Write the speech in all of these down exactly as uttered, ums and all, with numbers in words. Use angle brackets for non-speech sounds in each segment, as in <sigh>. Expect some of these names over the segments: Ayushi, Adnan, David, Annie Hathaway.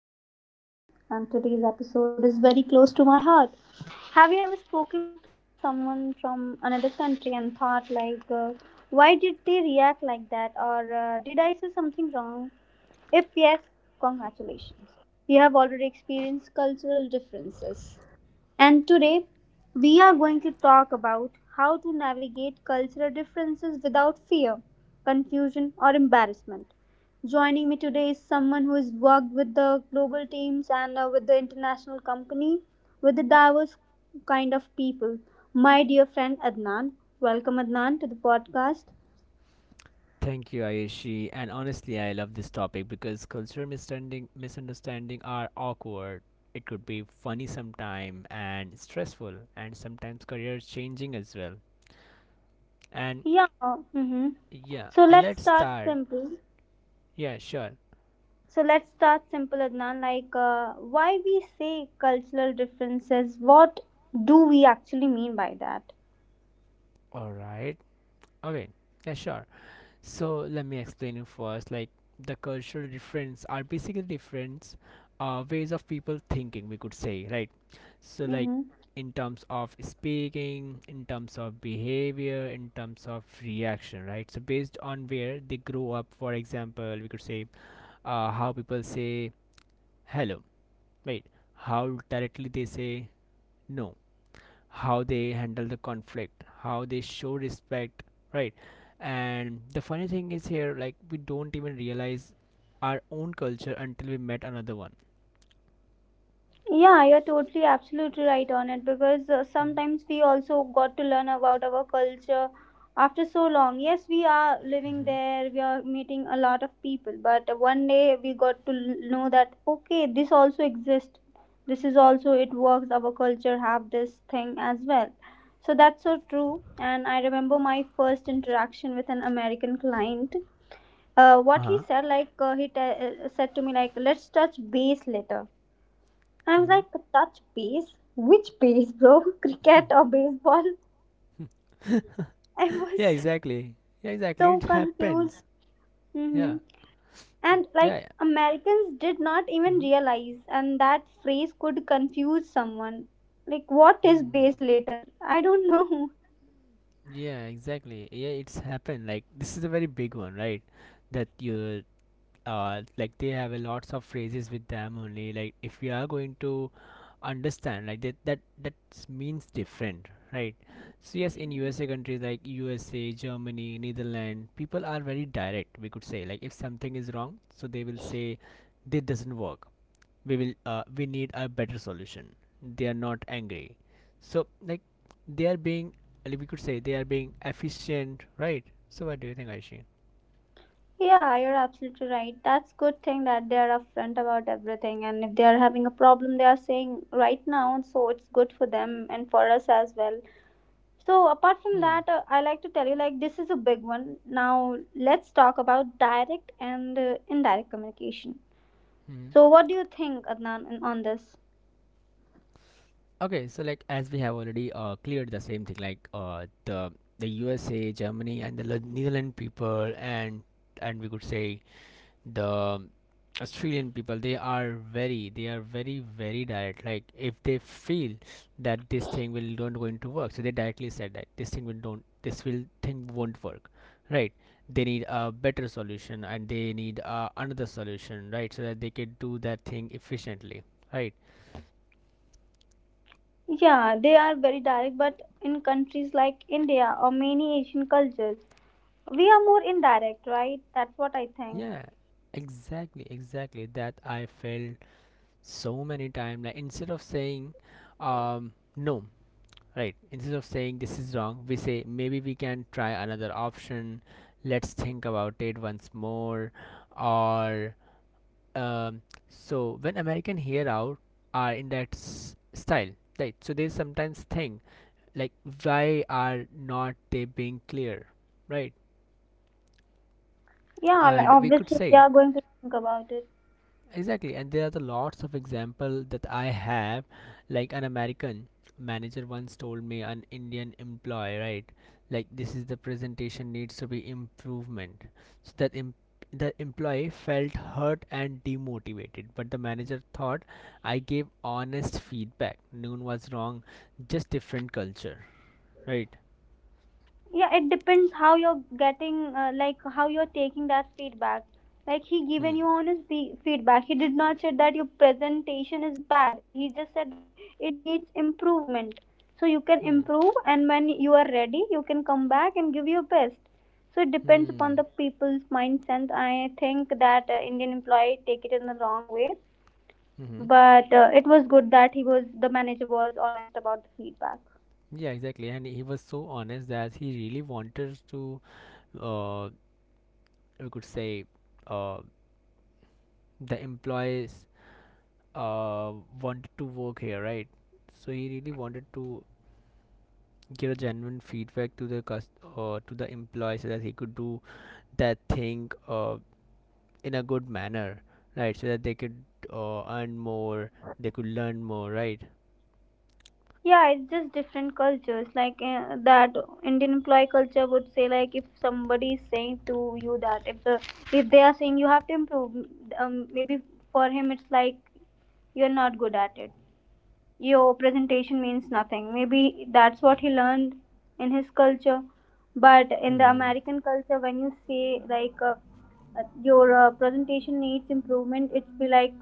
your host, Ayushi, and today's episode is very close to my heart. Have you ever spoken to someone from another country and thought, like, uh, why did they react like that, or uh, did I say something wrong? If yes, congratulations. You have already experienced cultural differences. And today, we are going to talk about how to navigate cultural differences without fear, confusion, or embarrassment. Joining me today is someone who has worked with the global teams and uh, with the international company, with the diverse kind of people. My dear friend Adnan, welcome Adnan to the podcast. Thank you, Ayushi. And honestly, I love this topic because cultural misunderstanding misunderstanding are awkward. It could be funny sometime and stressful, and sometimes career changing as well. And Yeah. Mm-hmm. yeah, So and let's let's start start. simple. Yeah, sure. So let's start simple, Adnan. Like, uh, why we say cultural differences? What do we actually mean by that? All right. Okay. Yeah, sure. So let me explain it first. Like the cultural difference are basically different uh, ways of people thinking, we could say, right? So like Mm-hmm. in terms of speaking, in terms of behavior, in terms of reaction, right? So based on where they grow up. For example, we could say uh, how people say hello, right? How directly they say no, how they handle the conflict, how they show respect, right? And the funny thing is here, like we don't even realize our own culture until we met another one. Yeah, you're totally absolutely right on it because uh, sometimes we also got to learn about our culture after so long. Yes, we are living there, we are meeting a lot of people, but one day we got to l- know that okay, this also exists. This is also it works. Our culture have this thing as well. So that's so true. And I remember my first interaction with an American client. Uh, Uh what he huh. said, like uh, he te- uh, said to me, like let's touch base later. I was Hmm. like, touch base? Which base, bro? <laughs> Cricket or baseball? <laughs> I was Yeah, exactly. Yeah, exactly. so It confused. happens. Yeah. Hmm. And Yeah, like, yeah. Americans did not even Hmm. realize, and that phrase could confuse someone. Like, what is Mm. base later? I don't know. <laughs> Yeah, exactly. Yeah, it's happened. Like this is a very big one, right? That you uh, like they have a lots of phrases with them only. Like if we are going to understand, like that that that means different, right? So yes, in USA, countries like USA, Germany, Netherlands, people are very direct. We could say, like, if something is wrong, so they will say this doesn't work, we will uh, we need a better solution. They are not angry, so like they are being, like, we could say they are being efficient, right? So what do you think, aishi Yeah, you're absolutely right. That's good thing that they are upfront about everything, and if they are having a problem, they are saying right now, so it's good for them and for us as well. So apart from hmm. that, uh, I like to tell you like this is a big one. Now let's talk about direct and uh, indirect communication. Hmm. So what do you think, Adnan, in- on this? Okay, so like, as we have already uh, cleared the same thing, like uh, the the U S A, Germany, and the Lo- Netherlands people, and and we could say the Australian people, they are very, they are very, very direct. Like if they feel that this thing will do not going to work, so they directly said that this thing will don't, this will thing won't work, right? They need a better solution, and they need uh, another solution, right? So that they can do that thing efficiently, right? Yeah, they are very direct, but in countries like India or many Asian cultures, we are more indirect, right? That's what I think. Yeah, exactly, exactly. That I felt so many times. Like instead of saying, um, no, right? Instead of saying this is wrong, we say maybe we can try another option. Let's think about it once more. Or um, so when American hear out are in that s- style, right? So they sometimes think like, why are not they being clear, right? Yeah, like, And we could obviously they say, are going to think about it. exactly, and there are the lots of example that I have. Like an American manager once told me an Indian employee, right? Like this is the presentation needs to be improvement. So that em- the employee felt hurt and demotivated, but the manager thought, I gave honest feedback. Noon was wrong, just different culture, right? Yeah, it depends how you're getting uh, like how you're taking that feedback. Like, he given Hmm. you honest fe- feedback, he did not said that your presentation is bad, he just said that it needs improvement, so you can Hmm. improve and when you are ready you can come back and give your best. So it depends Hmm. upon the people's mindset. I think that uh, Indian employee take it in the wrong way, Mm-hmm. but uh, it was good that he was the manager was honest about the feedback. Yeah, exactly. And he was so honest that he really wanted to uh, we could say, uh, the employees uh, wanted to work here, right? So he really wanted to give a genuine feedback to the cust- uh, to the employee so that he could do that thing uh, in a good manner, right? So that they could uh, earn more, they could learn more, right? Yeah, it's just different cultures. Like uh, that Indian employee culture would say, like if somebody is saying to you that if the if they are saying you have to improve, um, maybe for him it's like you're not good at it, your presentation means nothing. Maybe that's what he learned in his culture. But in the Hmm. American culture, when you say like uh, uh, your uh, presentation needs improvement, it's be like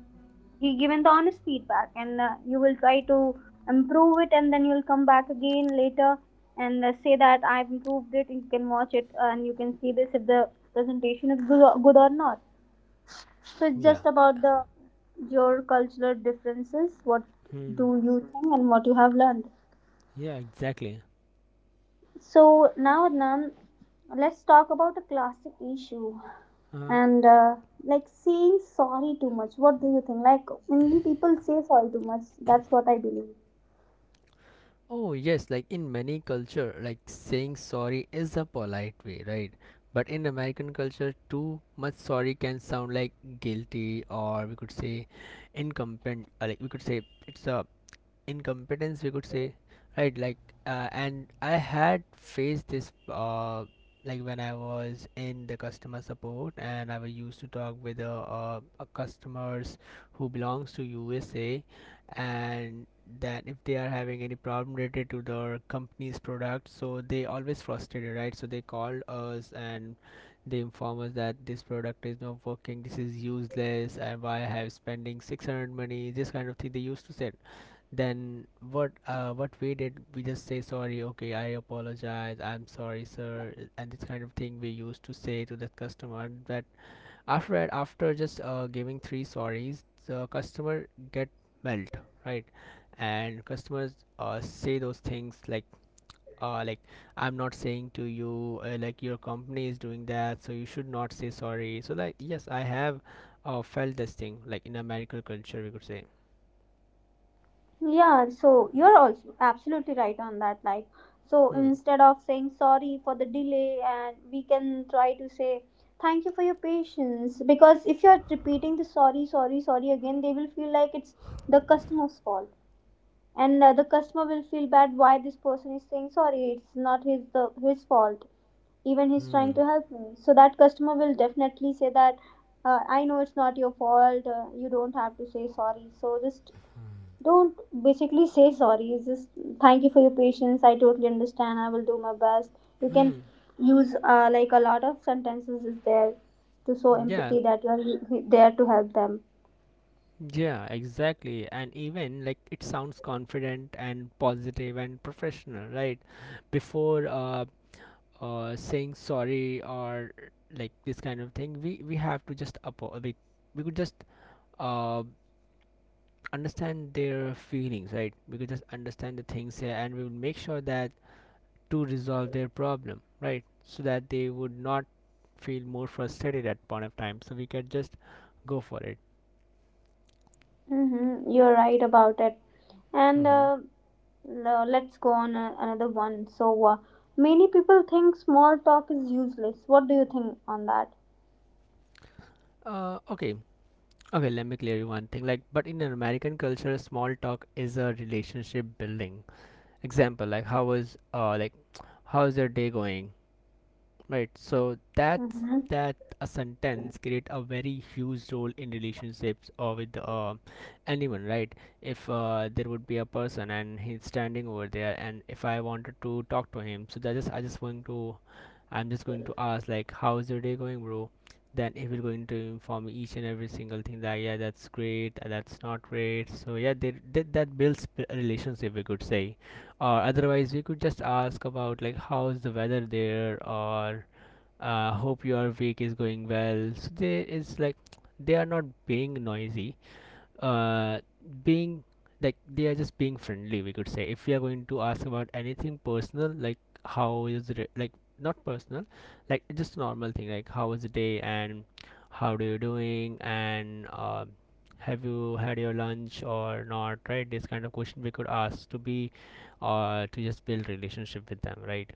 he given the honest feedback, and uh, you will try to improve it, and then you'll come back again later and uh, say that I've improved it. You can watch it and you can see this if the presentation is good or, good or not. So it's Yeah. just about the your cultural differences. What Hmm. do you think and what you have learned? Yeah. Exactly. So now, Adnan, let's talk about a classic issue Uh, and uh, like saying sorry too much. What do you think? Like Indian people say sorry too much. That's what I believe. oh, yes, like in many culture, like saying sorry is a polite way, right? But in American culture, too much sorry can sound like guilty, or we could say incompetent, uh, like we could say it's a incompetence, we could say, right? Like uh, and I had faced this uh, like when I was in the customer support and I was used to talk with uh, uh, uh, customers who belongs to USA. And that if they are having any problem related to their company's product, so they always frustrated, right? So they called us and they inform us that this product is not working, this is useless, and why I have spending six hundred money, this kind of thing they used to say. Then what uh what we did, we just say sorry, okay, I apologize, I'm sorry sir, uh, and this kind of thing we used to say to the customer. That after that, after just uh, giving three sorries, the customer get melt, right? And customers uh, say those things like, uh, like, I'm not saying to you, uh, like your company is doing that, so you should not say sorry. So like, yes, I have uh, felt this thing, like in American culture, we could say. Yeah, so you're also absolutely right on that. Like, so Hmm. instead of saying sorry for the delay, and we can try to say thank you for your patience, because if you're repeating the sorry, sorry, sorry again, they will feel like it's the customer's fault, and uh, the customer will feel bad why this person is saying sorry. It's not his the his fault. Even he's Hmm. trying to help me, so that customer will definitely say that. Uh, I know it's not your fault. Uh, you don't have to say sorry. So just don't basically say sorry. It's just thank you for your patience, I totally understand, I will do my best. You can Hmm. use uh, like a lot of sentences is there to show Yeah, empathy that you are there to help them. yeah, exactly. And even like, it sounds confident and positive and professional, right? Before uh, uh saying sorry or like this kind of thing, we we have to just apo- we we could just uh understand their feelings, right? We could just understand the things here, and we will make sure that to resolve their problem, right? So that they would not feel more frustrated at point of time. So we can just go for it. Mm-hmm. You're right about it. And Mm-hmm. uh, l- let's go on uh, another one. So uh, many people think small talk is useless. What do you think on that? Uh, okay, Okay, let me clear you one thing. Like, but in an American culture, small talk is a relationship building. Example, like, how was uh, like, how's your day going? Right. So that's Mhm. that a sentence create a very huge role in relationships or with uh, anyone, right? If uh, there would be a person and he's standing over there, and if I wanted to talk to him, so that just I just going to, I'm just going to ask like, how's your day going, bro? Then he will going to inform me each and every single thing, that yeah, that's great, uh, that's not great. So yeah, they, that that builds b- a relationship, we could say. Or otherwise we could just ask about like, how's the weather there, or uh, hope your week is going well. So they, it's like they are not being noisy. Uh, being Like they are just being friendly. We could say, if we are going to ask about anything personal, like how is it, like not personal, like just normal thing, like how was the day, and how do you doing, and uh, have you had your lunch or not, right? This kind of question we could ask to be, uh, to just build relationship with them, right?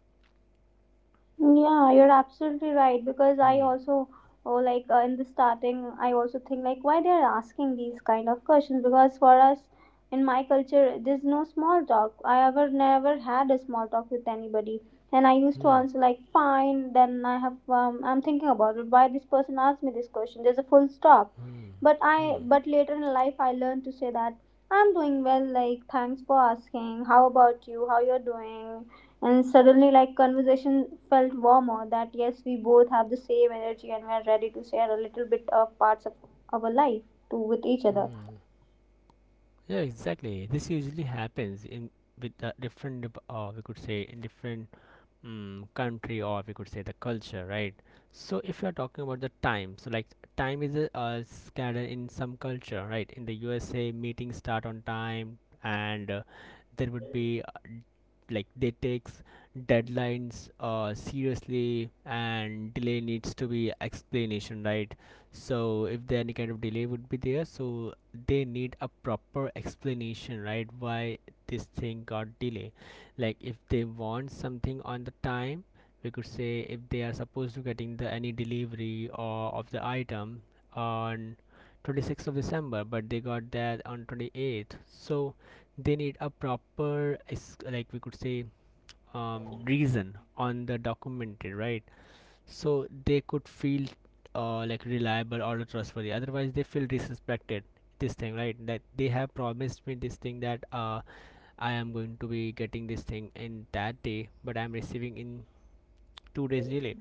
Yeah, you're absolutely right because I Hmm. also oh, like uh, in the starting I also think like why they're asking these kind of questions, because for us in my culture there's no small talk. I ever never had a small talk with anybody, and I used to Hmm. answer like fine. Then I have um, I'm thinking about it why this person asked me this question, there's a full stop. Hmm. But I Hmm. but later in life I learned to say that I'm doing well, like thanks for asking, how about you, how you're doing. And suddenly, like, conversation felt warmer that yes, we both have the same energy and we are ready to share a little bit of parts of our life to with each other. Hmm. Yeah, exactly. This usually happens in with the different, dep- uh, we could say, in different um, country, or we could say the culture, right? So if you are talking about the time, so like, time is a, uh, scattered in some culture, right? In the U S A, meetings start on time, and uh, there would be uh, like, they takes deadlines uh, seriously, and delay needs to be explanation, right? So if there any kind of delay would be there, so they need a proper explanation, right? Why this thing got delay, like if they want something on the time, we could say if they are supposed to getting the any delivery or of the item on twenty-sixth of december, but they got that on twenty-eighth, so they need a proper es- like we could say um, reason on the documentary, right? So they could feel uh, like reliable or trustworthy, otherwise they feel disrespected this thing, right? That they have promised me this thing, that uh, I am going to be getting this thing in that day, but I am receiving in two days delay.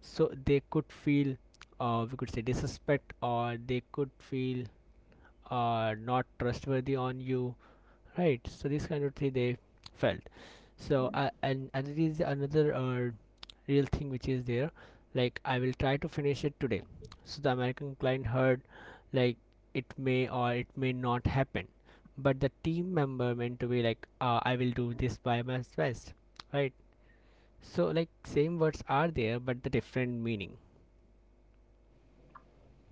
So they could feel, uh, we could say, disrespect, or they could feel uh, not trustworthy on you, right? So this kind of thing they felt. So uh, and and it is another uh, real thing which is there, like, I will try to finish it today. So the American client heard like, it may or it may not happen, but the team member meant to be like, uh, I will do this by my best, right? So like, same words are there, but the different meaning.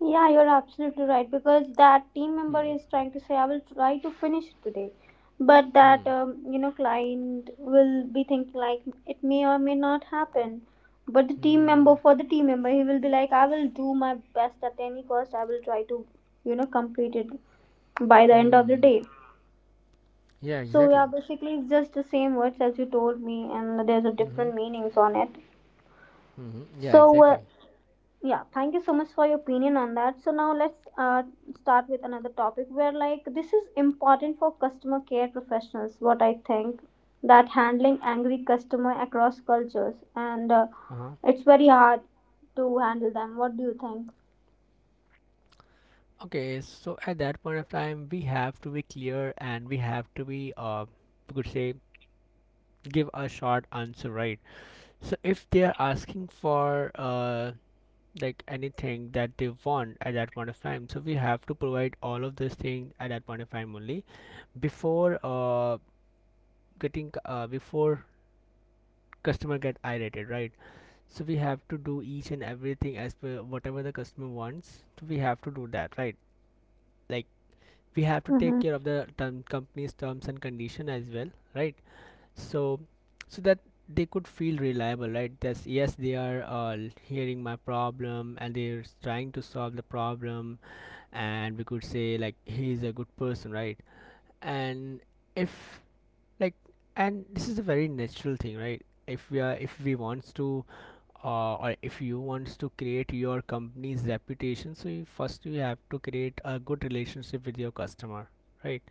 Yeah, you're absolutely right because that team member is Hmm. trying to say, I will try to finish it today. But Hmm. that, um, you know, client will be thinking like it may or may not happen. But the team member, Hmm. for the team member, he will be like, I will do my best at any cost. I will try to, you know, complete it by the end of the Hmm, day. yeah, So yeah, exactly. basically it's just the same words as you told me, and there's a Mm-hmm. different meanings on it. Mm-hmm, yeah, So uh, exactly. yeah, thank you so much for your opinion on that. So now let's uh, start with another topic where like this is important for customer care professionals. What I think that handling angry customer across cultures and uh, Uh-huh. it's very hard to handle them. What do you think? Okay, so at that point of time, we have to be clear, and we have to be, uh, we could say, give a short answer, right? So if they are asking for uh, like anything that they want at that point of time, so we have to provide all of this thing at that point of time only, before uh, getting uh, before customer get irritated, right? So we have to do each and everything as per whatever the customer wants. So we have to do that, right? Like we have to take Mhm. care of the term, company's terms and condition as well, right? So so that they could feel reliable, right? That's yes, they are uh, hearing my problem and they're trying to solve the problem, and we could say like he's a good person, right? And if like, and this is a very natural thing, right? If we are if we wants to uh, or if you wants to create your company's reputation, so you first you have to create a good relationship with your customer, right?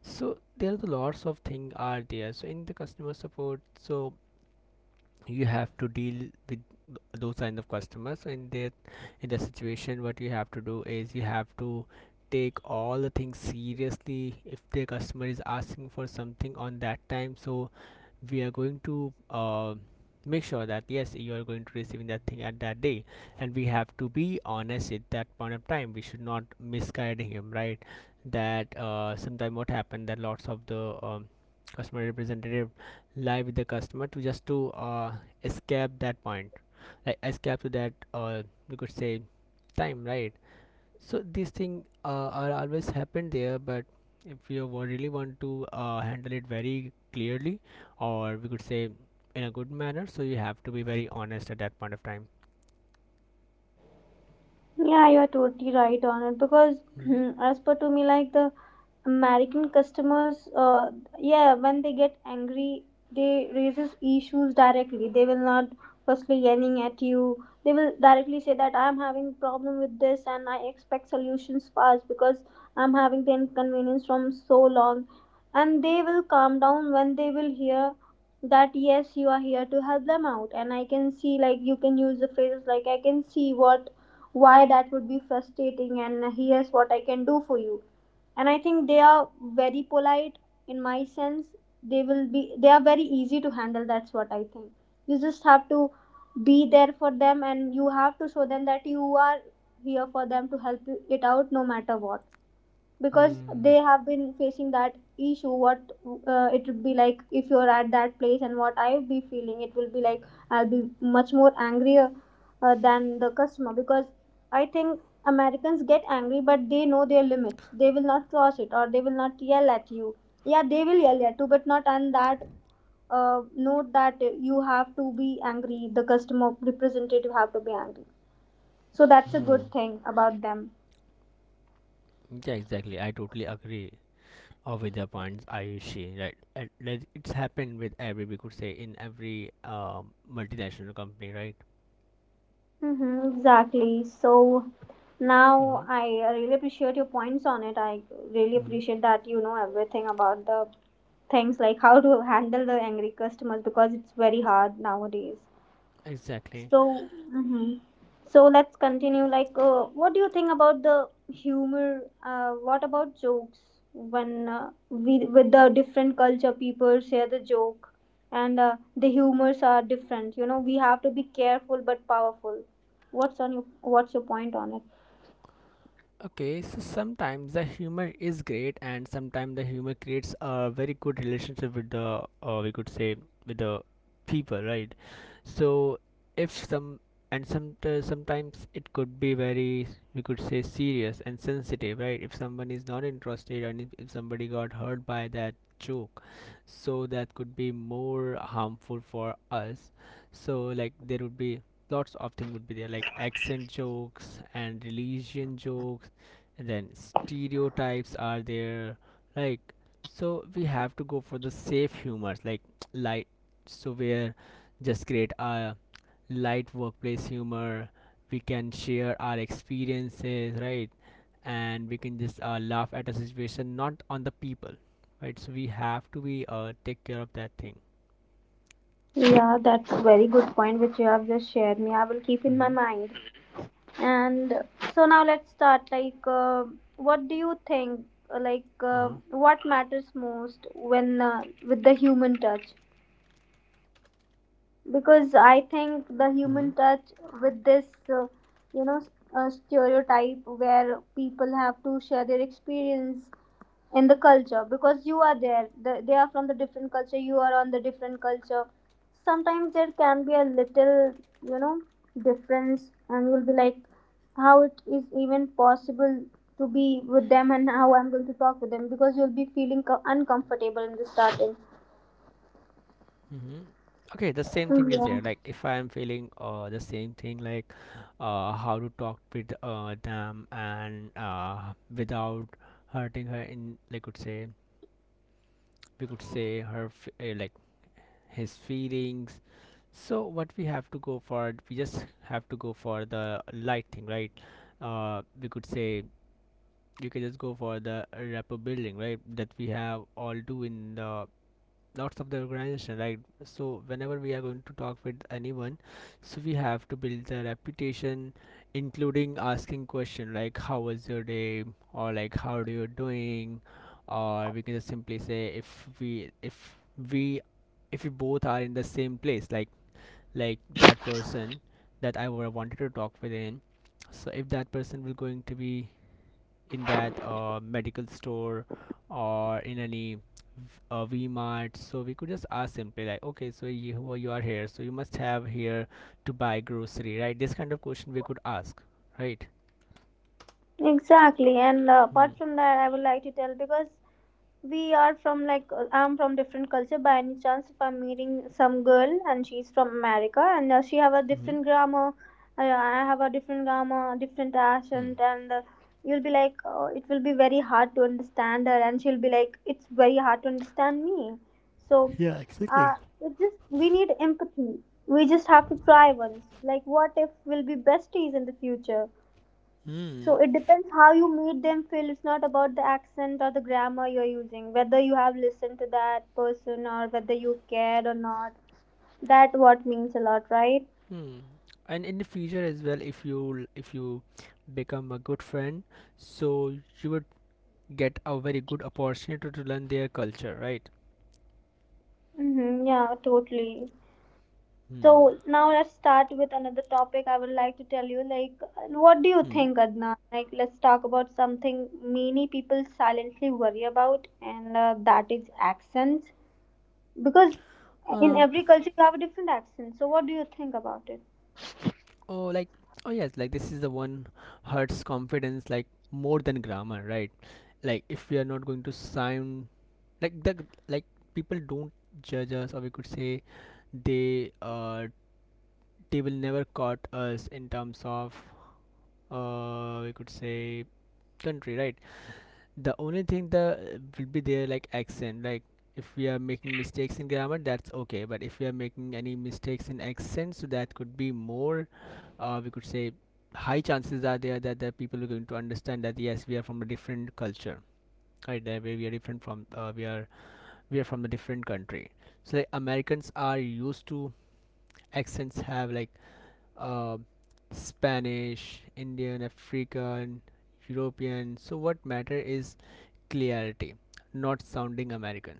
So there are the lots of things are there, so in the customer support, so you have to deal with those kind of customers. So in that in that situation, what you have to do is you have to take all the things seriously. If the customer is asking for something on that time, so we are going to uh, make sure that yes, you are going to receiving that thing at that day. And we have to be honest at that point of time, we should not misguiding him, right? That uh, sometime what happened that lots of the um, customer representative lie with the customer to just to uh, escape that point, like escape to that uh, you could say time, right? So these things uh, are always happen there. But if you wa- really want to uh, handle it very clearly, or we could say in a good manner, so you have to be very honest at that point of time. Yeah, you're totally right on it because, <clears throat> Hmm. as per to me, like the American customers, uh, yeah, when they get angry, they raises issues directly. They will not firstly yelling at you. They will directly say that I'm having problem with this and I expect solutions fast because I'm having the inconvenience from so long, and they will calm down when they will hear that yes you are here to help them out, and I can see, like you can use the phrases like I can see what why that would be frustrating and here's what I can do for you. And I think they are very polite in my sense. They will be they are very easy to handle. That's what I think. You just have to be there for them, and you have to show them that you are here for them to help you it out no matter what, because Hmm. they have been facing that issue. What uh, it would be like if you're at that place, and what I'll be feeling, it will be like I'll be much more angrier uh, than the customer, because I think Americans get angry but they know their limits, they will not cross it or they will not yell at you. Yeah, they will yell at you, but not on that uh, note that you have to be angry, the customer representative have to be angry. So that's a Hmm. good thing about them. Yeah, exactly. I totally agree uh, with the points, Ayushi. Right, and that it's happened with every, we could say, in every um multinational company, right? Mm-hmm, exactly. So Mm-hmm. now I really appreciate your points on it. I really appreciate that you know everything about the things like how to handle the angry customers, because it's very hard nowadays. Exactly. So, hmm, so let's continue. Like, uh, what do you think about the humor? Uh, what about jokes? When uh, we with the different culture, people share the joke, and uh, the humors are different. You know, we have to be careful but powerful. What's on your What's your point on it? Okay, so sometimes the humor is great, and sometimes the humor creates a very good relationship with the, uh, we could say, with the people, right? So if some, and some uh, sometimes it could be very, we could say, serious and sensitive, right? If someone is not interested, and if, if somebody got hurt by that joke, so that could be more harmful for us. So like there would be lots of things would be there, like accent jokes and religion jokes, and then stereotypes are there, like, so we have to go for the safe humors, like light, so where just create a light workplace humor. We can share our experiences, right? And we can just uh, laugh at a situation, not on the people, right? So we have to be uh, take care of that thing. Yeah, that's a very good point which you have just shared me. I will keep in my Mm-hmm. mind. And so now let's start. Like, uh, what do you think? uh, Like, uh, Uh-huh. what matters most when uh, with the human touch? Because I think the Mm-hmm. human touch with this, uh, you know, s- uh, stereotype where people have to share their experience in the culture, because you are there the, they are from the different culture, you are on the different culture. Sometimes there can be a little, you know, difference, and you'll be like how it is even possible to be with them and how I'm going to talk with them, because you'll be feeling co- uncomfortable in the starting. Hmm. Okay, the same thing is Yeah, there. Like if I am feeling uh the same thing, like uh, how to talk with uh them, and uh without hurting her in, like could say, we could say her f- uh, like his feelings. So what we have to go for, we just have to go for the light thing, right? Uh, we could say you can just go for the rapport building, right? That we have all do in the lots of the organization, right? So whenever we are going to talk with anyone, so we have to build the reputation, including asking question like how was your day, or like how are you doing, or we can just simply say if we if, we if we both are in the same place, like like that person that I wa- wanted to talk with in, so if that person will going to be in that uh, medical store or in any v- uh, V-Mart. So we could just ask simply like, okay, so you well, you are here, so you must have here to buy grocery, right? This kind of question we could ask, right? exactly. And uh, apart Hmm. from that I would like to tell, because we are from like uh, I'm from different culture, by any chance if I'm meeting some girl and she's from America, and uh, she have a Hmm. different grammar, uh, I have a different grammar, different Hmm. accent, and uh, you'll be like uh, it will be very hard to understand her, and she'll be like it's very hard to understand me. So uh, it just we need empathy. We just have to try once, like what if we'll be besties in the future. So Hmm. it depends how you made them feel. It's not about the accent or the grammar you're using, whether you have listened to that person or whether you cared or not. That what means a lot, right? Hmm. And in the future as well, if you if you become a good friend, so you would get a very good opportunity to learn their culture, right? Mm-hmm, yeah, totally. Hmm. So now let's start with another topic. I would like to tell you, like, what do you Hmm. think, Adnan? Like, let's talk about something many people silently worry about, and uh, that is accents. Because in Um, every culture you have a different accent. So what do you think about it? Oh, like, oh yes, like this is the one hurts confidence like more than grammar, right? Like if we are not going to sound like the like, people don't judge us, or we could say they uh, they will never caught us in terms of uh, we could say country, right? The only thing that will be there like accent. Like if we are making mistakes in grammar, that's okay. But if we are making any mistakes in accent, so that could be more. Uh, we could say high chances are there that the people are going to understand that yes, we are from a different culture. Right, that we we are different from uh, we are we are from a different country. So like Americans are used to accents have like uh, Spanish, Indian, African, European. So what matter is clarity, not sounding American.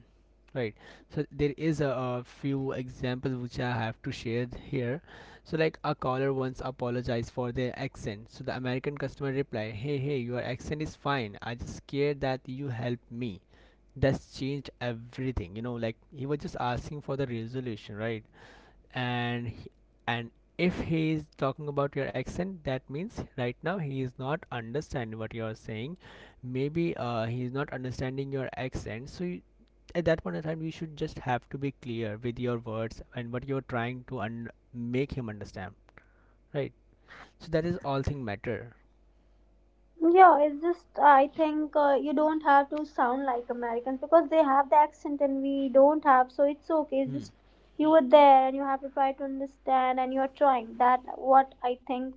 Right. So there is a, a few examples which I have to share here. So like a caller once apologized for their accent. So the American customer replied, "Hey, hey, your accent is fine. I just scared that you help me." That's changed everything. You know, like he was just asking for the resolution, right? And and if he is talking about your accent, that means right now he is not understanding what you are saying. Maybe uh, he is not understanding your accent, so you, at that point of time you should just have to be clear with your words and what you're trying to un- make him understand, right? So that is all thing matter. Yeah, it's just uh, I think uh, you don't have to sound like Americans because they have the accent and we don't have, so it's okay. It's Hmm. just you were there and you have to try to understand and you're trying. That what I think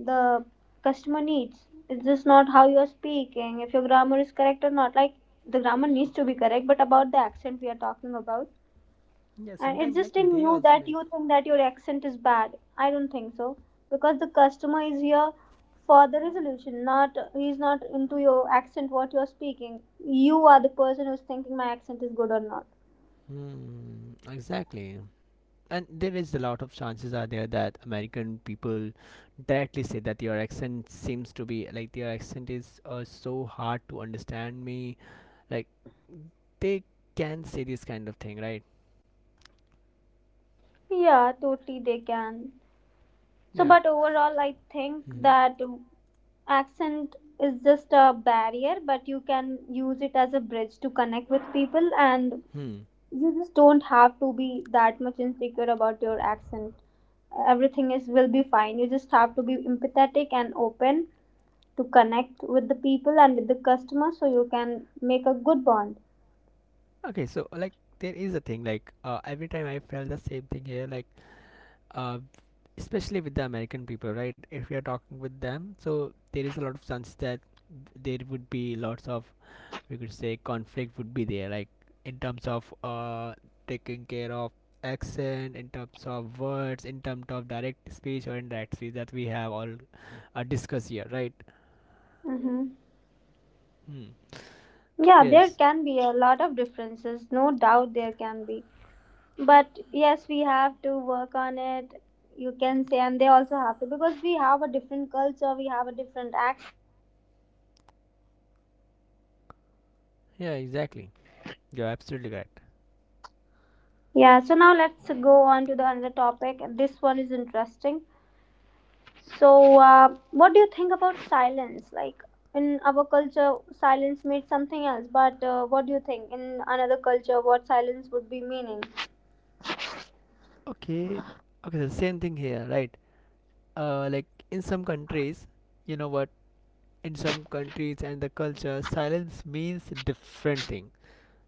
the customer needs. It's just not how you are speaking, if your grammar is correct or not. Like the grammar needs to be correct, but about the accent we are talking about. Yeah, And it's sometimes like just in they you also that make. you think that your accent is bad. I don't think so. Because the customer is here for the resolution, not he's not into your accent what you're speaking. You are the person who's thinking my accent is good or not. Hmm, exactly, and there is a lot of chances are there that American people directly say that your accent seems to be like your accent is uh, so hard to understand me, like they can say this kind of thing, right? Yeah, totally they can. So, Yeah. but overall, I think Hmm. that accent is just a barrier, but you can use it as a bridge to connect with people, and Hmm. you just don't have to be that much insecure about your accent. Everything is will be fine. You just have to be empathetic and open to connect with the people and with the customer, so you can make a good bond. Okay, so like there is a thing like uh, every time I felt the same thing here, like uh, especially with the American people, right? If you're talking with them, so there is a lot of chance that there would be lots of, we could say, conflict would be there, like in terms of uh, taking care of accent, in terms of words, in terms of direct speech or indirect speech that we have all uh, discussed here, right? Hmm. Hmm. Yeah, there Yes. can be a lot of differences, no doubt there can be, but yes, we have to work on it, you can say, and they also have to, because we have a different culture, we have a different accent. Yeah, exactly. You're absolutely correct. Yeah, so now let's go on to the another topic. This one is interesting. So, uh, what do you think about silence? Like, in our culture, silence means something else. But uh, what do you think in another culture, what silence would be meaning? Okay, okay, so same thing here, right? Uh, like in some countries, you know what, in some countries and the culture silence means different thing,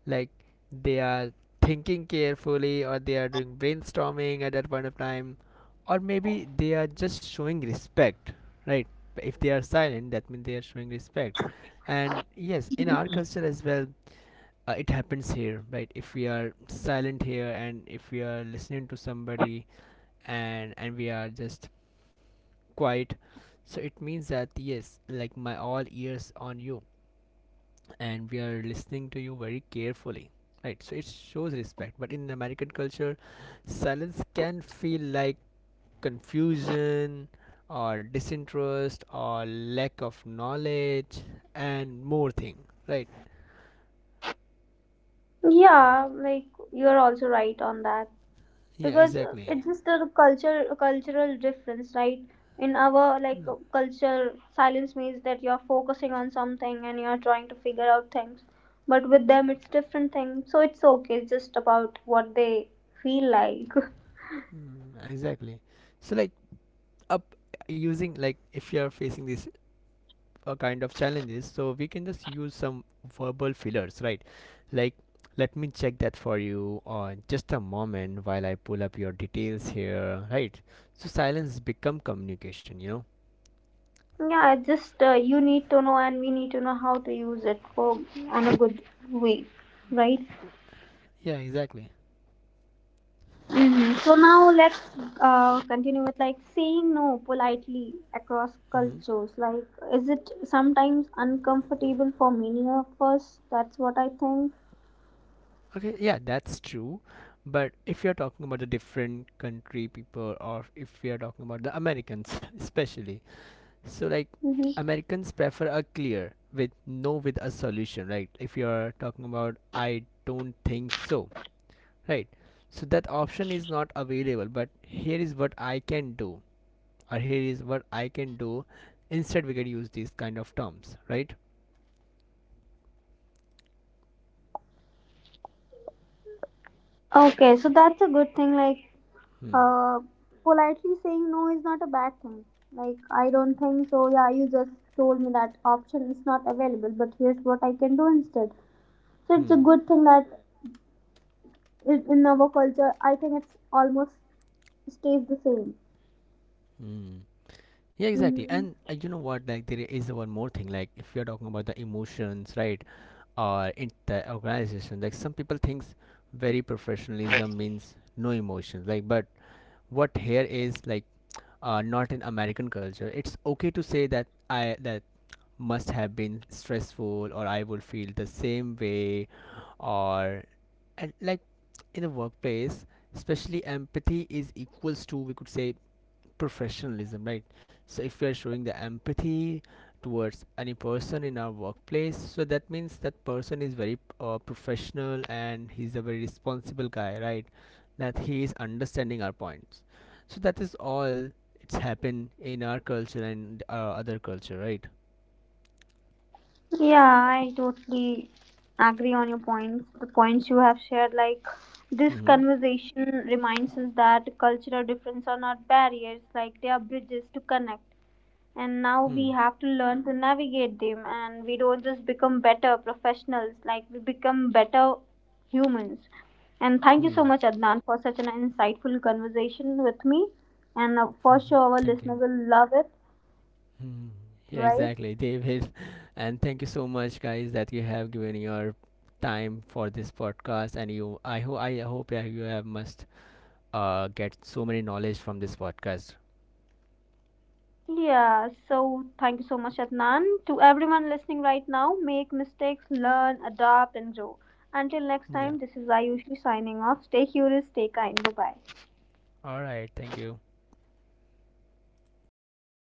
like they are thinking carefully, or they are doing brainstorming at that point of time, or maybe they are just showing respect, right? If they are silent, that means they are showing respect. And yes, in our culture as well, uh, it happens here, right? If we are silent here and if we are listening to somebody, and and we are just quiet, so it means that yes, like my all ears on you, and we are listening to you very carefully, right? So it shows respect, but in american culture silence can feel like confusion or disinterest or lack of knowledge and more thing, right? Yeah, like, you're also right on that. Yeah, Because uh, exactly. it's just a culture, a cultural difference, right? In our, like Mm, uh, culture, silence means that you're focusing on something and you're trying to figure out things. But with them it's different thing, so it's okay, it's just about what they feel like. mm, exactly. So like up, using like if you are facing this uh, kind of challenges, so we can just use some verbal fillers, right? Like, let me check that for you on just a moment while I pull up your details here, right? So silence become communication, you know. <laughs> Yeah, it's just uh, you need to know, and we need to know how to use it for, on a good way, right? Yeah, exactly. Hmm. So now let's uh, continue with, like, saying no politely across Hmm. cultures. Like, is it sometimes uncomfortable for many of us? That's what I think. Okay, yeah, that's true. But if you're talking about the different country people, or if we are talking about the americans <laughs> especially, so like Hmm. americans prefer a clear with no with a solution, right? If you're talking about I don't think so, right? So that option is not available, but here is what I can do, or here is what I can do instead, we can use these kind of terms, right? Okay, so that's a good thing. Like, Hmm. uh, politely saying no is not a bad thing. Like, I don't think so. Yeah, you just told me that option is not available, but here's what I can do instead. So it's a Hmm. good thing that in in our culture, I think it's almost stays the same. Hmm, yeah exactly, Hmm. and uh, you know what, like there is one more thing, like if you're talking about the emotions, right? Or in the organization, like some people thinks very professionalism means no emotions, like, but what here is like, uh, not in american culture, it's okay to say that I that must have been stressful, or I would feel the same way, or, and like in the workplace especially, empathy is equals to, we could say, professionalism, right? So if we are showing the empathy towards any person in our workplace, so that means that person is very uh, professional and he's a very responsible guy, right? That he is understanding our points, so that is all. It's happened in our culture and uh, other culture, right? Yeah, I totally agree on your points. The points you have shared, like, this Mm-hmm. conversation reminds us that cultural differences are not barriers, like they are bridges to connect. And now Hmm. we have to learn to navigate them, and we don't just become better professionals, like we become better humans. And thank you so Hmm. much, Adnan, for such an insightful conversation with me. And uh, for sure, <laughs> our Thank listener you. will love it, Hmm. Yeah, right? exactly, David. <laughs> And thank you so much, guys, that you have given your time for this podcast. And you, I hope, I hope that you have must uh, get so many knowledge from this podcast. Yeah, so thank you so much, Adnan. To everyone listening right now, make mistakes, learn, adapt, and grow. Until next Yeah. time, this is Ayushi signing off. Stay curious, stay kind. Bye bye. All right. Thank you.